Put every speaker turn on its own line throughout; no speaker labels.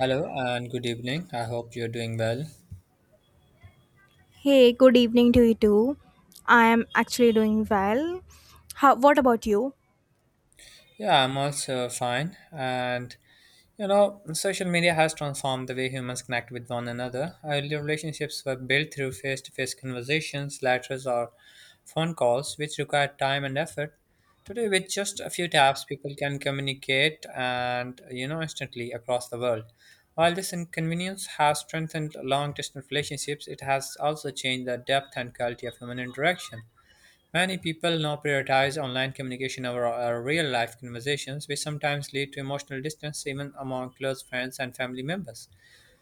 Hello and good evening. I hope you're doing well.
Hey, good evening to you too. I am actually doing well. How, what about you?
Yeah, I'm also fine. And you know, social media has transformed the way humans connect with one another. Earlier relationships were built through face to face conversations, letters, or phone calls, which required time and effort. Today, with just a few taps, people can communicate and you know instantly across the world. While this inconvenience has strengthened long distance relationships, it has also changed the depth and quality of human interaction. Many people now prioritize online communication over our real life conversations, which sometimes lead to emotional distance even among close friends and family members.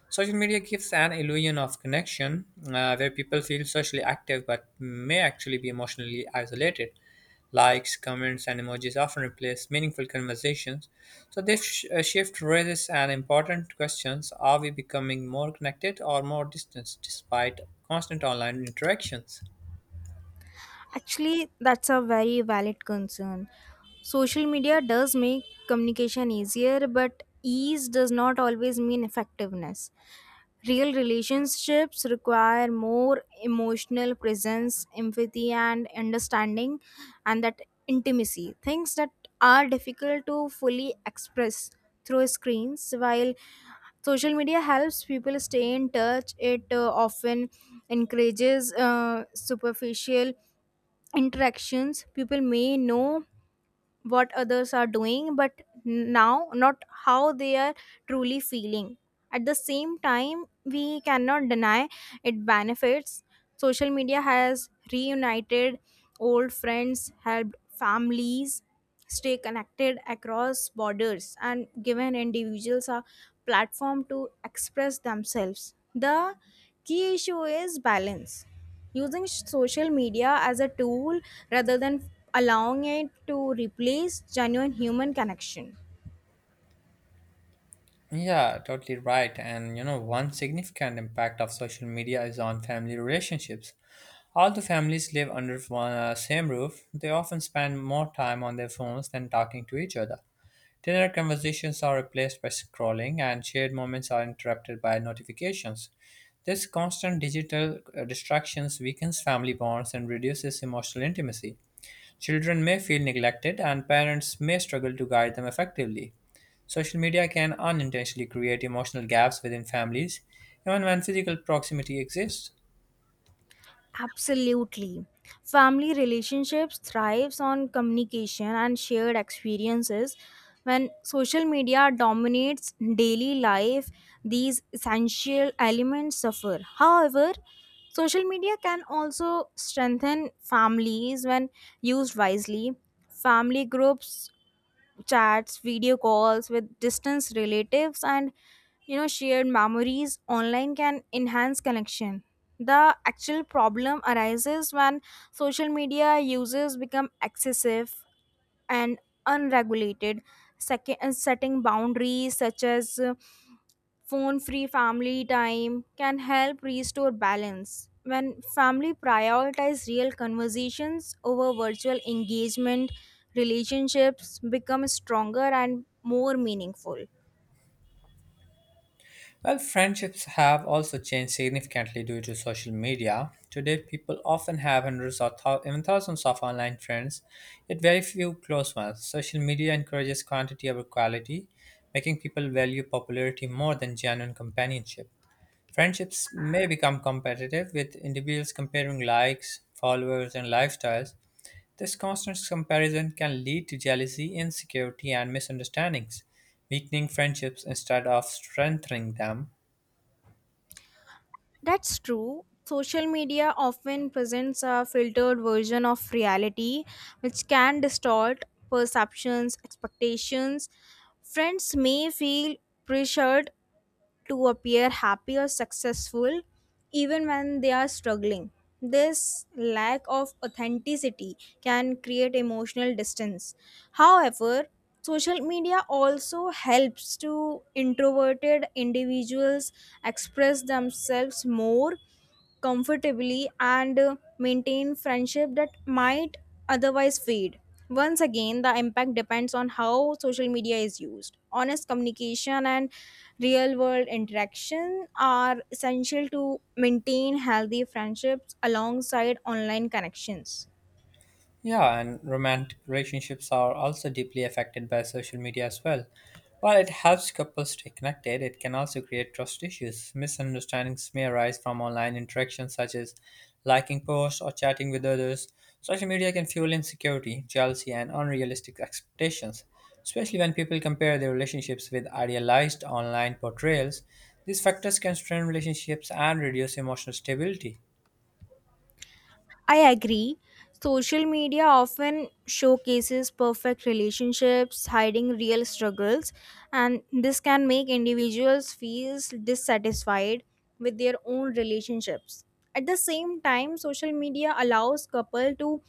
Social media gives an illusion of connection where people feel socially active but may actually be emotionally isolated. Likes, comments, and emojis often replace meaningful conversations. So, this shift raises an important question. Are we becoming more connected or more distant despite constant online interactions?
Actually, that's a very valid concern. Social media does make communication easier, but ease does not always mean effectiveness. Real relationships require more emotional presence, empathy, and understanding, and that intimacy. Things that are difficult to fully express through screens, while social media helps people stay in touch it often encourages superficial interactions people may know what others are doing but now not how they are truly feeling at the same time we cannot deny it benefits. Social media has reunited old friends, helped families stay connected across borders, and given individuals a platform to express themselves. The key issue is balance. Using social media as a tool rather than allowing it to replace genuine human connection.
Yeah, totally right. And you know, one significant impact of social media is on family relationships. Although families live under one same roof, they often spend more time on their phones than talking to each other. Dinner conversations are replaced by scrolling, and shared moments are interrupted by notifications. This constant digital distractions weakens family bonds and reduces emotional intimacy. Children may feel neglected, and parents may struggle to guide them effectively. Social media can unintentionally create emotional gaps within families, even when physical proximity exists.
Absolutely. Family relationships thrives on communication and shared experiences. When social media dominates daily life, these essential elements suffer. However, social media can also strengthen families when used wisely. Family groups chats, video calls with distance relatives, and shared memories online can enhance connection. The actual problem arises when social media users become excessive and unregulated, setting boundaries such as phone free family time can help restore balance. When family prioritize real conversations over virtual engagement, relationships become stronger and more meaningful.
Well, friendships have also changed significantly due to social media. Today, people often have hundreds or even thousands of online friends, yet very few close ones. Social media encourages quantity over quality, making people value popularity more than genuine companionship. Friendships may become competitive, with individuals comparing likes, followers, and lifestyles. This constant comparison can lead to jealousy, insecurity, and misunderstandings, weakening friendships instead of strengthening them.
That's true. Social media often presents a filtered version of reality, which can distort perceptions, expectations. Friends may feel pressured to appear happy or successful even when they are struggling. This lack of authenticity can create emotional distance. However, social media also helps to introverted individuals express themselves more comfortably and maintain friendship that might otherwise fade. Once again, the impact depends on how social media is used. Honest communication and real world interaction are essential to maintain healthy friendships alongside online connections.
Yeah, and romantic relationships are also deeply affected by social media as well. While it helps couples stay connected, it can also create trust issues. Misunderstandings may arise from online interactions such as liking posts or chatting with others. Social media can fuel insecurity, jealousy, and unrealistic expectations, especially when people compare their relationships with idealized online portrayals. These factors can strain relationships and reduce emotional stability.
I agree. Social media often showcases perfect relationships, hiding real struggles, and this can make individuals feel dissatisfied with their own relationships. At the same time, social media allows couples to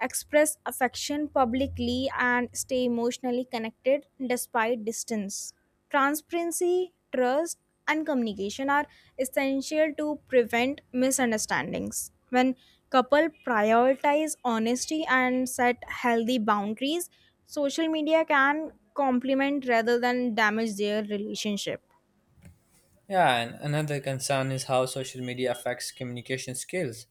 express affection publicly and stay emotionally connected despite distance. Transparency, trust, and communication are essential to prevent misunderstandings. When couple prioritize honesty and set healthy boundaries, social media can complement rather than damage their relationship.
Yeah, and another concern is how social media affects communication skills.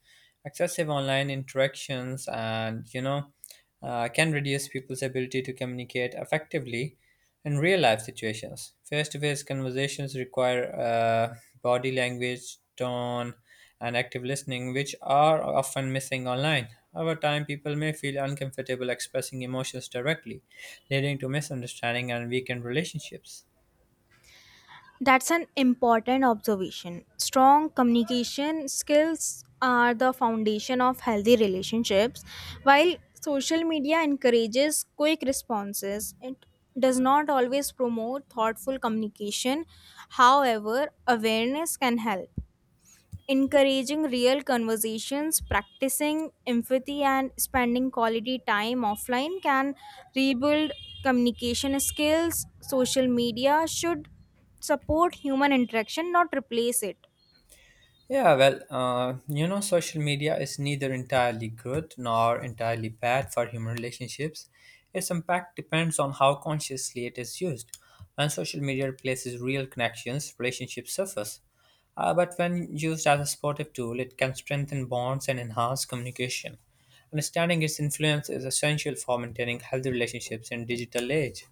Excessive online interactions can reduce people's ability to communicate effectively in real life situations. Face to face conversations require body language, tone, and active listening, which are often missing online. Over time, people may feel uncomfortable expressing emotions directly, leading to misunderstanding and weakened relationships.
That's an important observation. Strong communication skills are the foundation of healthy relationships. While social media encourages quick responses, it does not always promote thoughtful communication. However, awareness can help encouraging real conversations, practicing empathy, and spending quality time offline can rebuild communication skills. Social media should support human interaction, not replace it.
Yeah, well, social media is neither entirely good nor entirely bad for human relationships. Its impact depends on how consciously it is used. When social media replaces real connections, relationships surface. But when used as a supportive tool, it can strengthen bonds and enhance communication. Understanding its influence is essential for maintaining healthy relationships in digital age.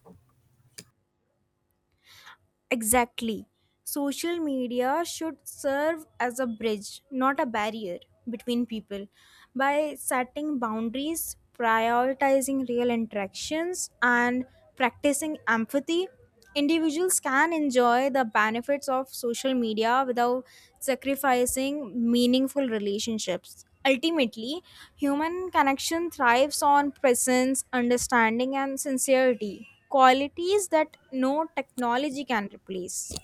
Exactly. Social media should serve as a bridge, not a barrier between people. By setting boundaries, prioritizing real interactions, and practicing empathy, individuals can enjoy the benefits of social media without sacrificing meaningful relationships. Ultimately, human connection thrives on presence, understanding, and sincerity qualities that no technology can replace.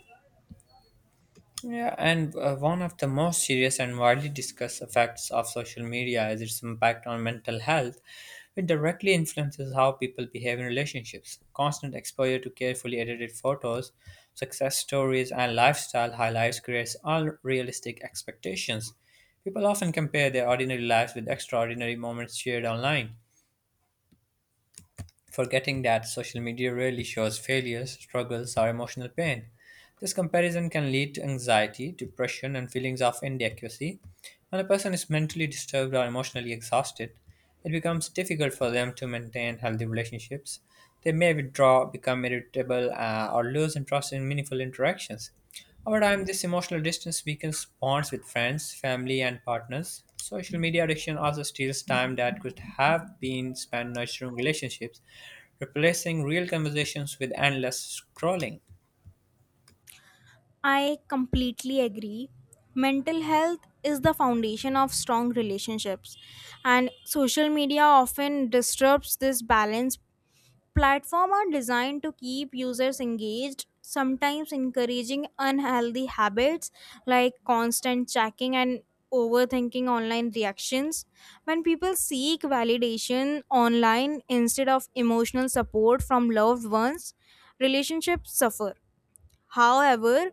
Yeah, and one of the most serious and widely discussed effects of social media is its impact on mental health. It directly influences how people behave in relationships. Constant exposure to carefully edited photos, success stories, and lifestyle highlights creates unrealistic expectations. People often compare their ordinary lives with extraordinary moments shared online, forgetting that social media rarely shows failures, struggles, or emotional pain. This comparison can lead to anxiety, depression, and feelings of inadequacy. When a person is mentally disturbed or emotionally exhausted, it becomes difficult for them to maintain healthy relationships. They may withdraw, become irritable, or lose interest in meaningful interactions. Over time, this emotional distance weakens bonds with friends, family, and partners. Social media addiction also steals time that could have been spent nurturing relationships, replacing real conversations with endless scrolling.
I completely agree. Mental health is the foundation of strong relationships, and social media often disrupts this balance. Platforms are designed to keep users engaged, sometimes encouraging unhealthy habits like constant checking and overthinking online reactions. When people seek validation online instead of emotional support from loved ones, relationships suffer. However,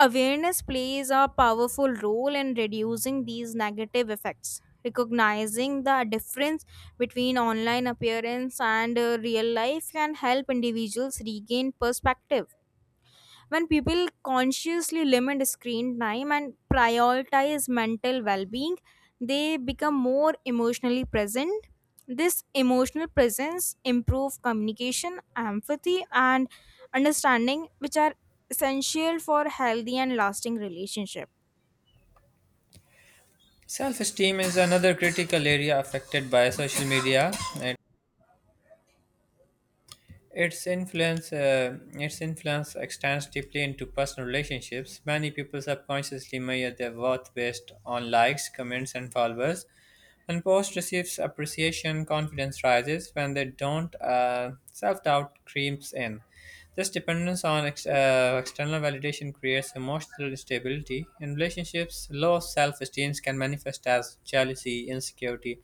awareness plays a powerful role in reducing these negative effects. Recognizing the difference between online appearance and real life can help individuals regain perspective when people consciously limit screen time and prioritize mental well-being they become more emotionally present. This emotional presence improves communication empathy and understanding which are essential for healthy and lasting relationship.
Self esteem is another critical area affected by social media. Its influence extends deeply into personal relationships. Many people subconsciously measure their worth based on likes, comments, and followers. When post receives appreciation, confidence rises. When they don't, self-doubt creeps in. This dependence on external validation creates emotional instability. In relationships, low self-esteem can manifest as jealousy, insecurity,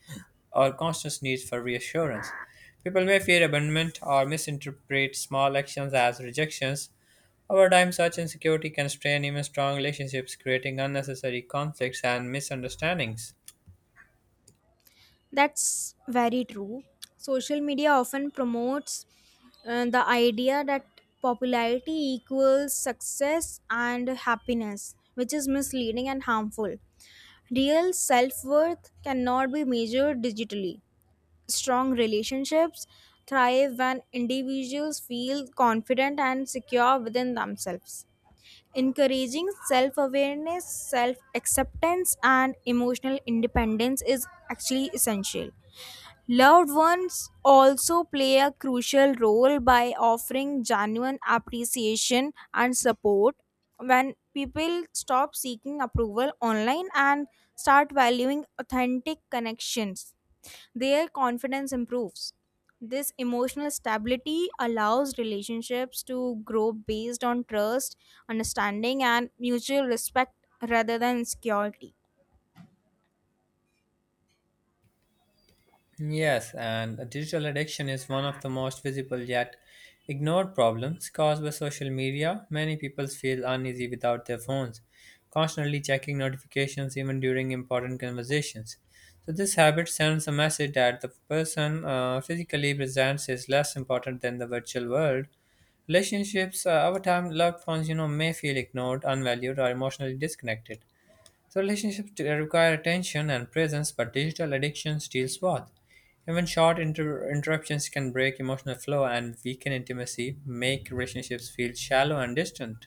or constant need for reassurance. People may fear abandonment or misinterpret small actions as rejections. Over time, such insecurity can strain even strong relationships, creating unnecessary conflicts and misunderstandings.
That's very true. Social media often promotes the idea that popularity equals success and happiness, which is misleading and harmful. Real self worth cannot be measured digitally. Strong relationships thrive when individuals feel confident and secure within themselves. Encouraging self awareness, self acceptance, and emotional independence is actually essential. Loved ones also play a crucial role by offering genuine appreciation and support. When people stop seeking approval online and start valuing authentic connections, their confidence improves. This emotional stability allows relationships to grow based on trust, understanding, and mutual respect rather than insecurity.
Yes, and digital addiction is one of the most visible yet ignored problems caused by social media. Many people feel uneasy without their phones, constantly checking notifications even during important conversations. So, this habit sends a message that the person physically presents is less important than the virtual world. Relationships, over time, loved ones, you know, may feel ignored, unvalued, or emotionally disconnected. So relationships require attention and presence, but digital addiction steals both. Even short interruptions can break emotional flow and weaken intimacy, make relationships feel shallow and distant.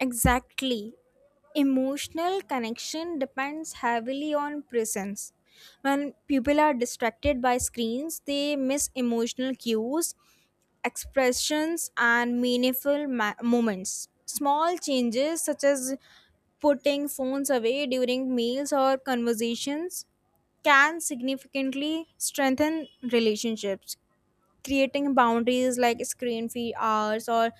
Exactly. Emotional connection depends heavily on presence. When people are distracted by screens, they miss emotional cues, expressions, and moments. Small changes, such as putting phones away during meals or conversations, can significantly strengthen relationships creating boundaries like screen free hours or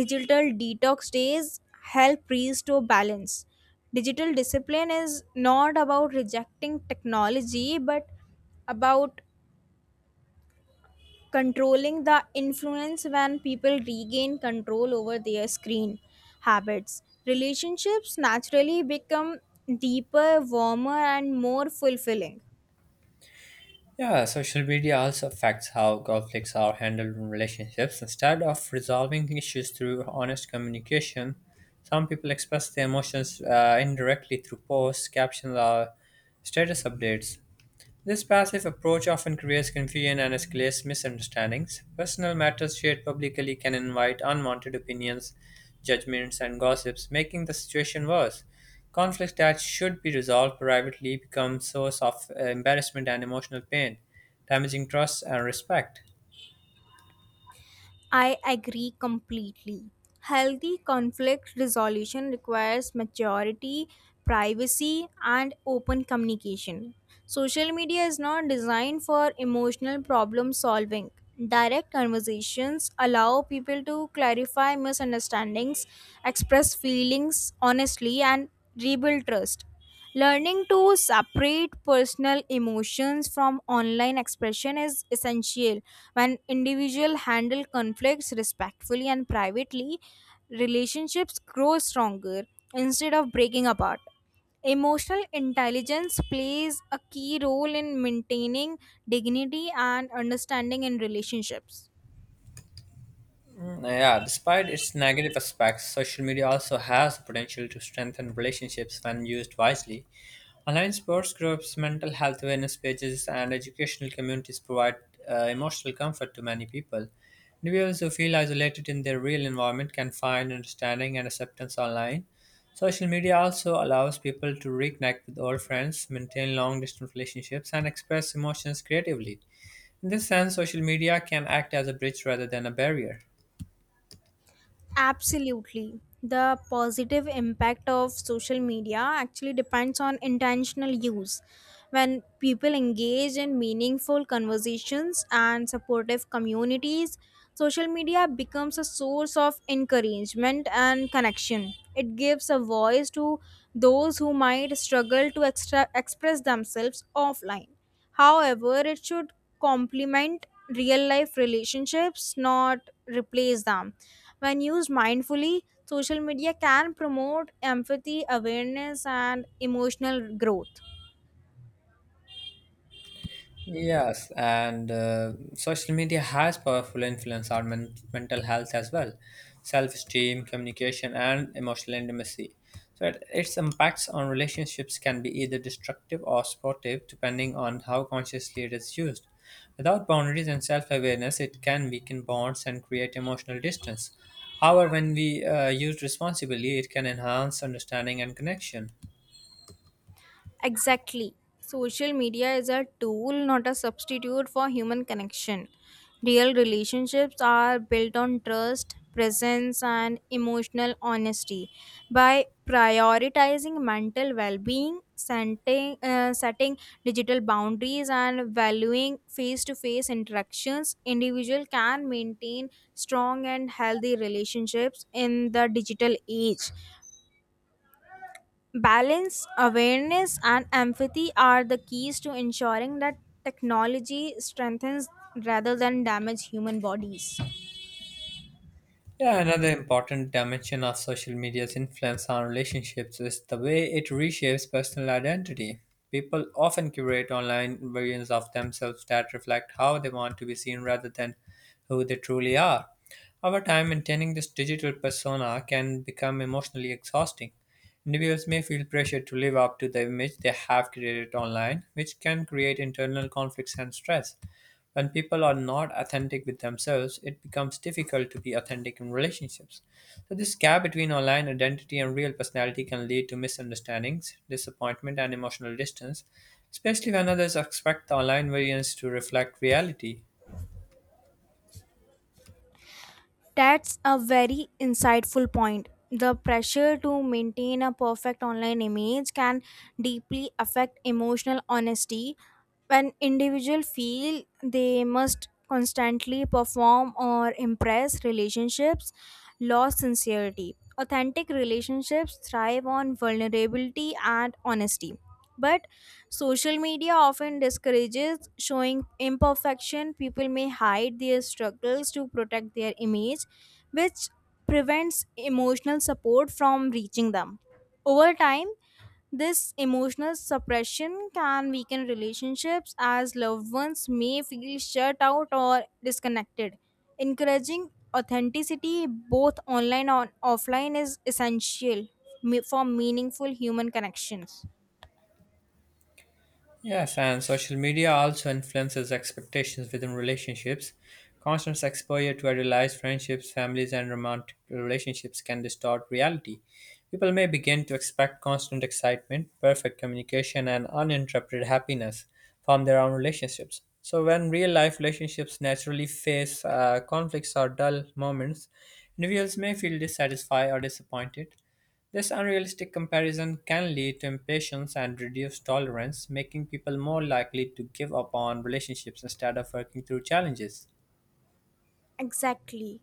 digital detox days help restore balance. Digital discipline is not about rejecting technology but about controlling the influence when people regain control over their screen habits. Relationships naturally become deeper, warmer, and more fulfilling.
Yeah, social media also affects how conflicts are handled in relationships. Instead of resolving issues through honest communication, some people express their emotions indirectly through posts, captions, or status updates. This passive approach often creates confusion and escalates misunderstandings. Personal matters shared publicly can invite unwanted opinions, judgments, and gossips, making the situation worse. Conflicts that should be resolved privately become source of embarrassment and emotional pain, damaging trust and respect.
I agree completely. Healthy conflict resolution requires maturity, privacy, and open communication. Social media is not designed for emotional problem solving. Direct conversations allow people to clarify misunderstandings, express feelings honestly, and rebuild trust. Learning to separate personal emotions from online expression is essential. When individuals handle conflicts respectfully and privately, relationships grow stronger instead of breaking apart. Emotional intelligence plays a key role in maintaining dignity and understanding in relationships.
Yeah, despite its negative aspects, social media also has the potential to strengthen relationships when used wisely. Online sports groups, mental health awareness pages, and educational communities provide emotional comfort to many people. Individuals who feel isolated in their real environment can find understanding and acceptance online. Social media also allows people to reconnect with old friends, maintain long distance relationships, and express emotions creatively. In this sense, social media can act as a bridge rather than a barrier.
Absolutely. The positive impact of social media actually depends on intentional use. When people engage in meaningful conversations and supportive communities, social media becomes a source of encouragement and connection. It gives a voice to those who might struggle to express themselves offline. However, it should complement real life relationships, not replace them. When used mindfully, social media can promote empathy, awareness, and emotional growth.
Yes, and social media has powerful influence on mental health as well, self-esteem, communication, and emotional intimacy. Its impacts on relationships can be either destructive or supportive, depending on how consciously it is used. Without boundaries and self-awareness, it can weaken bonds and create emotional distance. However, when we use responsibly, it can enhance understanding and connection.
Exactly. Social media is a tool, not a substitute for human connection. Real relationships are built on trust, presence, and emotional honesty. By prioritizing mental well being, setting digital boundaries, and valuing face to face interactions, individual can maintain strong and healthy relationships in the digital age. Balance, awareness, and empathy are the keys to ensuring that technology strengthens rather than damage human bodies.
Yeah, another important dimension of social media's influence on relationships is the way it reshapes personal identity. People often curate online versions of themselves that reflect how they want to be seen rather than who they truly are. Over time, maintaining this digital persona can become emotionally exhausting. Individuals may feel pressure to live up to the image they have created online, which can create internal conflicts and stress. When people are not authentic with themselves, it becomes difficult to be authentic in relationships. So, this gap between online identity and real personality can lead to misunderstandings, disappointment, and emotional distance, especially when others expect the online variants to reflect reality.
That's a very insightful point. The pressure to maintain a perfect online image can deeply affect emotional honesty when individuals feel they must constantly perform or impress relationships lose sincerity authentic relationships thrive on vulnerability and honesty but social media often discourages showing imperfection. People may hide their struggles to protect their image, which prevents emotional support from reaching them. Over time, this emotional suppression can weaken relationships as loved ones may feel shut out or disconnected. Encouraging authenticity both online and offline is essential for meaningful human connections.
Yes, and social media also influences expectations within relationships. Constant exposure to idealized friendships, families, and romantic relationships can distort reality. People may begin to expect constant excitement, perfect communication, and uninterrupted happiness from their own relationships. So, when real life relationships naturally face conflicts or dull moments, individuals may feel dissatisfied or disappointed. This unrealistic comparison can lead to impatience and reduced tolerance, making people more likely to give up on relationships instead of working through challenges.
Exactly.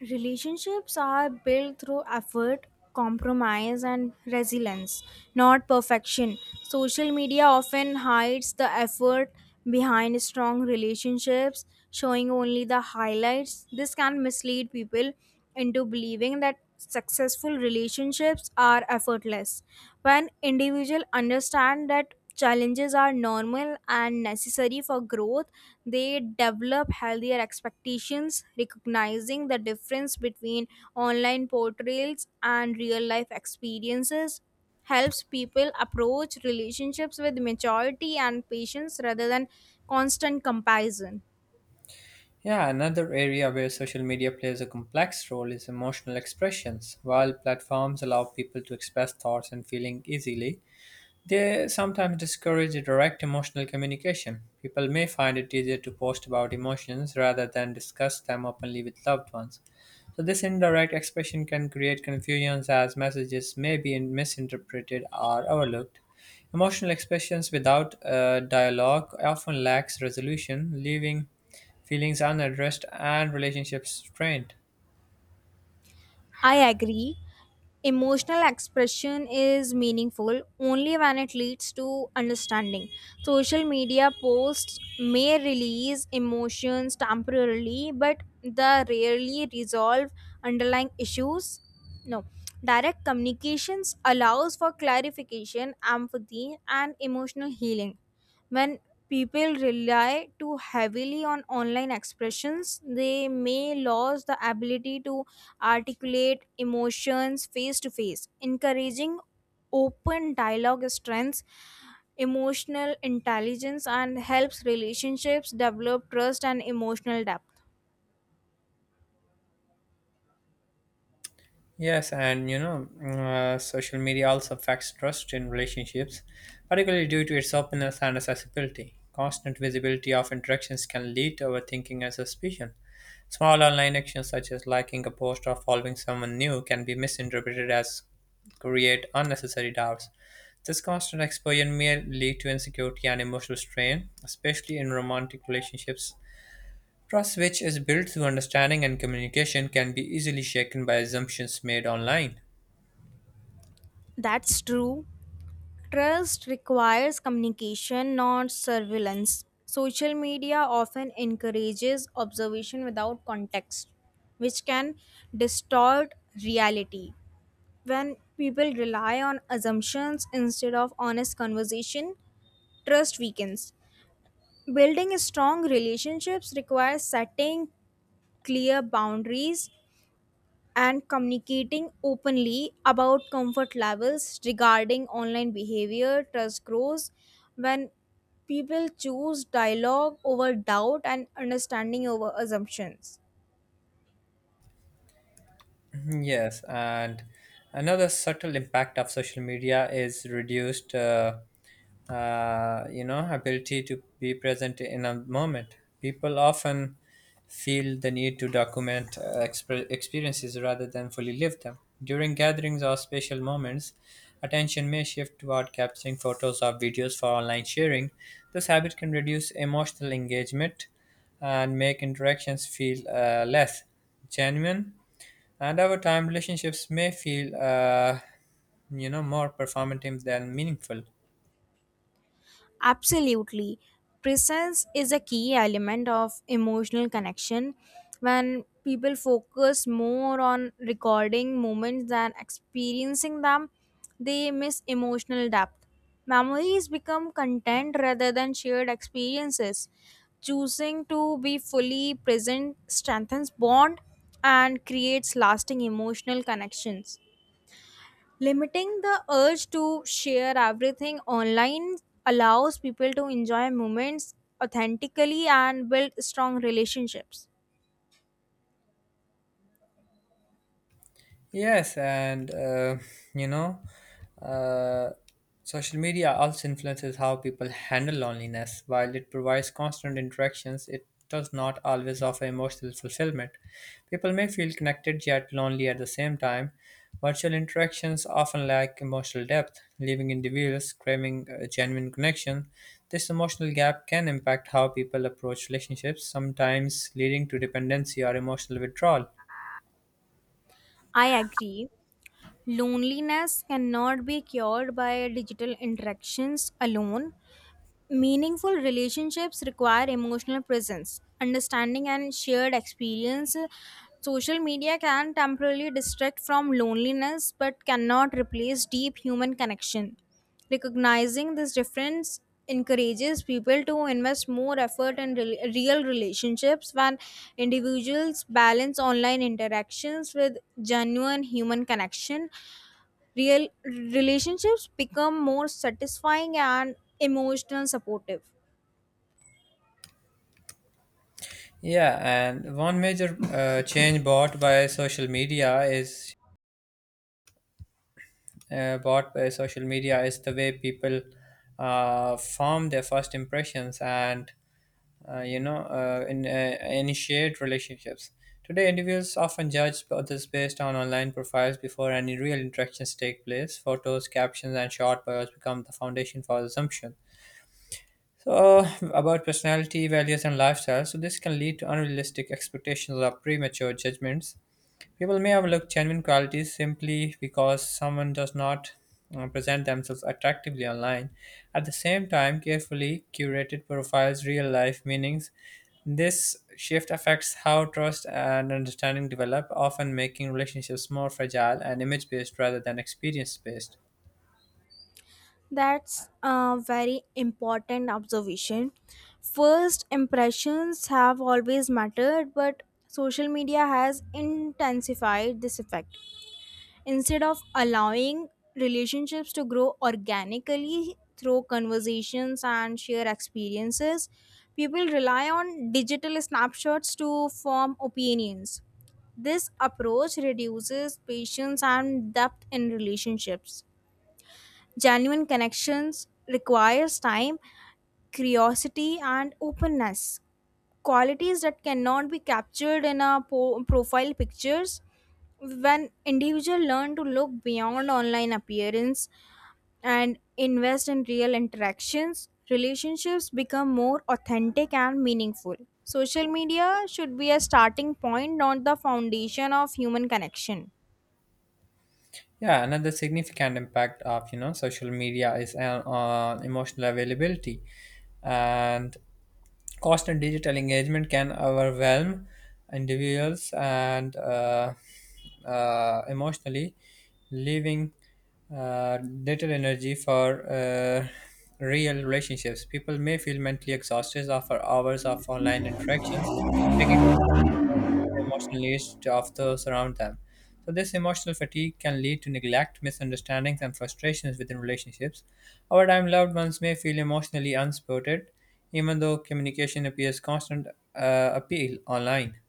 Relationships are built through effort, compromise, and resilience, not perfection. Social media often hides the effort behind strong relationships, showing only the highlights. This can mislead people into believing that successful relationships are effortless. When individuals understand that challenges are normal and necessary for growth, they develop healthier expectations, recognizing the difference between online portrayals and real life experiences helps people approach relationships with maturity and patience rather than constant comparison.
Yeah, another area where social media plays a complex role is emotional expressions. While platforms allow people to express thoughts and feelings easily, they sometimes discourage direct emotional communication. People may find it easier to post about emotions rather than discuss them openly with loved ones. So, this indirect expression can create confusions as messages may be misinterpreted or overlooked. Emotional expressions without dialogue often lacks resolution, leaving feelings unaddressed and relationships strained.
I agree. Emotional expression is meaningful only when it leads to understanding. Social media posts may release emotions temporarily, but they rarely resolve underlying issues. No. Direct communications allows for clarification, empathy, and emotional healing. When people rely too heavily on online expressions, they may lose the ability to articulate emotions face to face. Encouraging open dialogue strengthens emotional intelligence and helps relationships develop trust and emotional depth.
Yes, and social media also affects trust in relationships, particularly due to its openness and accessibility. Constant visibility of interactions can lead to overthinking and suspicion. Small online actions such as liking a post or following someone new can be misinterpreted as create unnecessary doubts. This constant exposure may lead to insecurity and emotional strain, especially in romantic relationships. Trust, which is built through understanding and communication, can be easily shaken by assumptions made online.
That's true. Trust requires communication, not surveillance. Social media often encourages observation without context, which can distort reality. When people rely on assumptions instead of honest conversation, trust weakens. Building strong relationships requires setting clear boundaries and communicating openly about comfort levels regarding online behavior trust grows when people choose dialogue over doubt and understanding over assumptions.
Mm-hmm. Yes, and another subtle impact of social media is reduced, ability to be present in a moment. People often feel the need to document experiences rather than fully live them. During gatherings or special moments, attention may shift toward capturing photos or videos for online sharing. This habit can reduce emotional engagement and make interactions feel less genuine, and our time relationships may feel more performative than meaningful.
Absolutely. Presence is a key element of emotional connection. When people focus more on recording moments than experiencing them, they miss emotional depth. Memories become content rather than shared experiences. Choosing to be fully present strengthens bond and creates lasting emotional connections. Limiting the urge to share everything online allows people to enjoy moments authentically and build strong relationships.
Yes, and you know, uh, social media also influences how people handle loneliness. While it provides constant interactions, it does not always offer emotional fulfillment. People may feel connected yet lonely at the same time. Virtual interactions often lack emotional depth, leaving individuals craving a genuine connection. This emotional gap can impact how people approach relationships, sometimes leading to dependency or emotional withdrawal.
I agree. Loneliness cannot be cured by digital interactions alone. Meaningful relationships require emotional presence, understanding, and shared experience. Social media can temporarily distract from loneliness but cannot replace deep human connection. Recognizing this difference encourages people to invest more effort in real relationships when individuals balance online interactions with genuine human connection. Real relationships become more satisfying and emotional supportive.
Yeah, and one major change brought by social media is brought by social media is the way people form their first impressions and initiate relationships. Today, individuals often judge others based on online profiles before any real interactions take place. Photos, captions, and short bios become the foundation for assumption. So, about personality, values, and lifestyle. So, this can lead to unrealistic expectations or premature judgments. People may overlook genuine qualities simply because someone does not present themselves attractively online. At the same time, carefully curated profiles real life meanings. This shift affects how trust and understanding develop, often making relationships more fragile and image based rather than experience based.
That's a very important observation. First impressions have always mattered, but social media has intensified this effect. Instead of allowing relationships to grow organically through conversations and shared experiences, people rely on digital snapshots to form opinions. This approach reduces patience and depth in relationships. Genuine connections requires time, curiosity and openness qualities that cannot be captured in a profile pictures when individual learn to look beyond online appearance and invest in real interactions relationships become more authentic and meaningful social media should be a starting point not the foundation of human connection.
Yeah, another significant impact of you know social media is on emotional availability, and constant digital engagement can overwhelm individuals and emotionally, leaving little energy for real relationships. People may feel mentally exhausted after hours of online interactions, making them the emotional needs of those around them. So, this emotional fatigue can lead to neglect, misunderstandings, and frustrations within relationships. Over time, loved ones may feel emotionally unsupported, even though communication appears constant appeal online.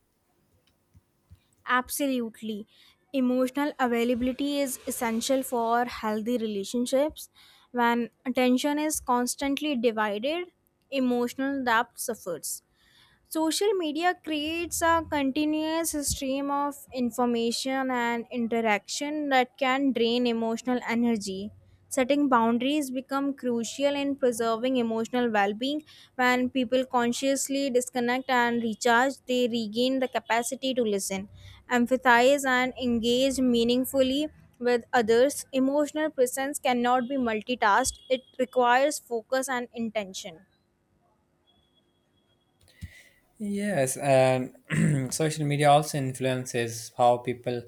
Absolutely. Emotional availability is essential for healthy relationships. When attention is constantly divided, emotional depth suffers. Social media creates a continuous stream of information and interaction that can drain emotional energy. Setting boundaries become crucial in preserving emotional well-being. When people consciously disconnect and recharge, they regain the capacity to listen, empathize and engage meaningfully with others. Emotional presence cannot be multitasked. It requires focus and intention.
Yes, and social media also influences how people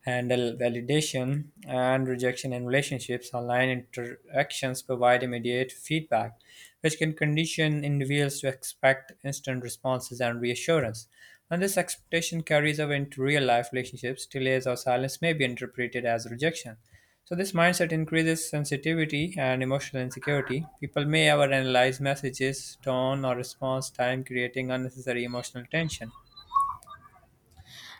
handle validation and rejection in relationships. Online interactions provide immediate feedback, which can condition individuals to expect instant responses and reassurance. And this expectation carries over into real life relationships. Delays or silence may be interpreted as rejection. So this mindset increases sensitivity and emotional insecurity. People may overanalyze messages, tone, or response time, creating unnecessary emotional tension.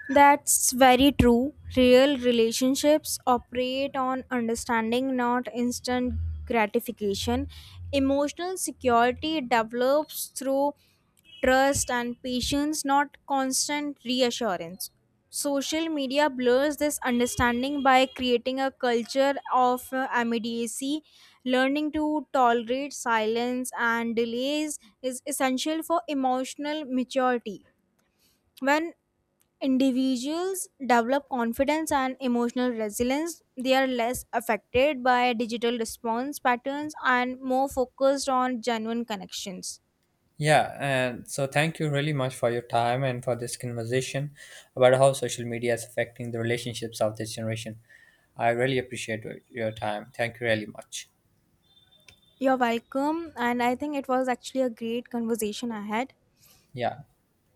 That's very true. Real relationships operate on understanding, not instant gratification. Emotional security develops through trust and patience, not constant reassurance. Social media blurs this understanding by creating a culture of immediacy. Learning to tolerate silence and delays is essential for emotional maturity. When individuals develop confidence and emotional resilience. They are less affected by digital response patterns and more focused on genuine connections.
Yeah, and so thank you really much for your time and for this conversation about how social media is affecting the relationships of this generation. I really appreciate your time. Thank you really much.
You're welcome, and I think it was actually a great conversation I had.
Yeah.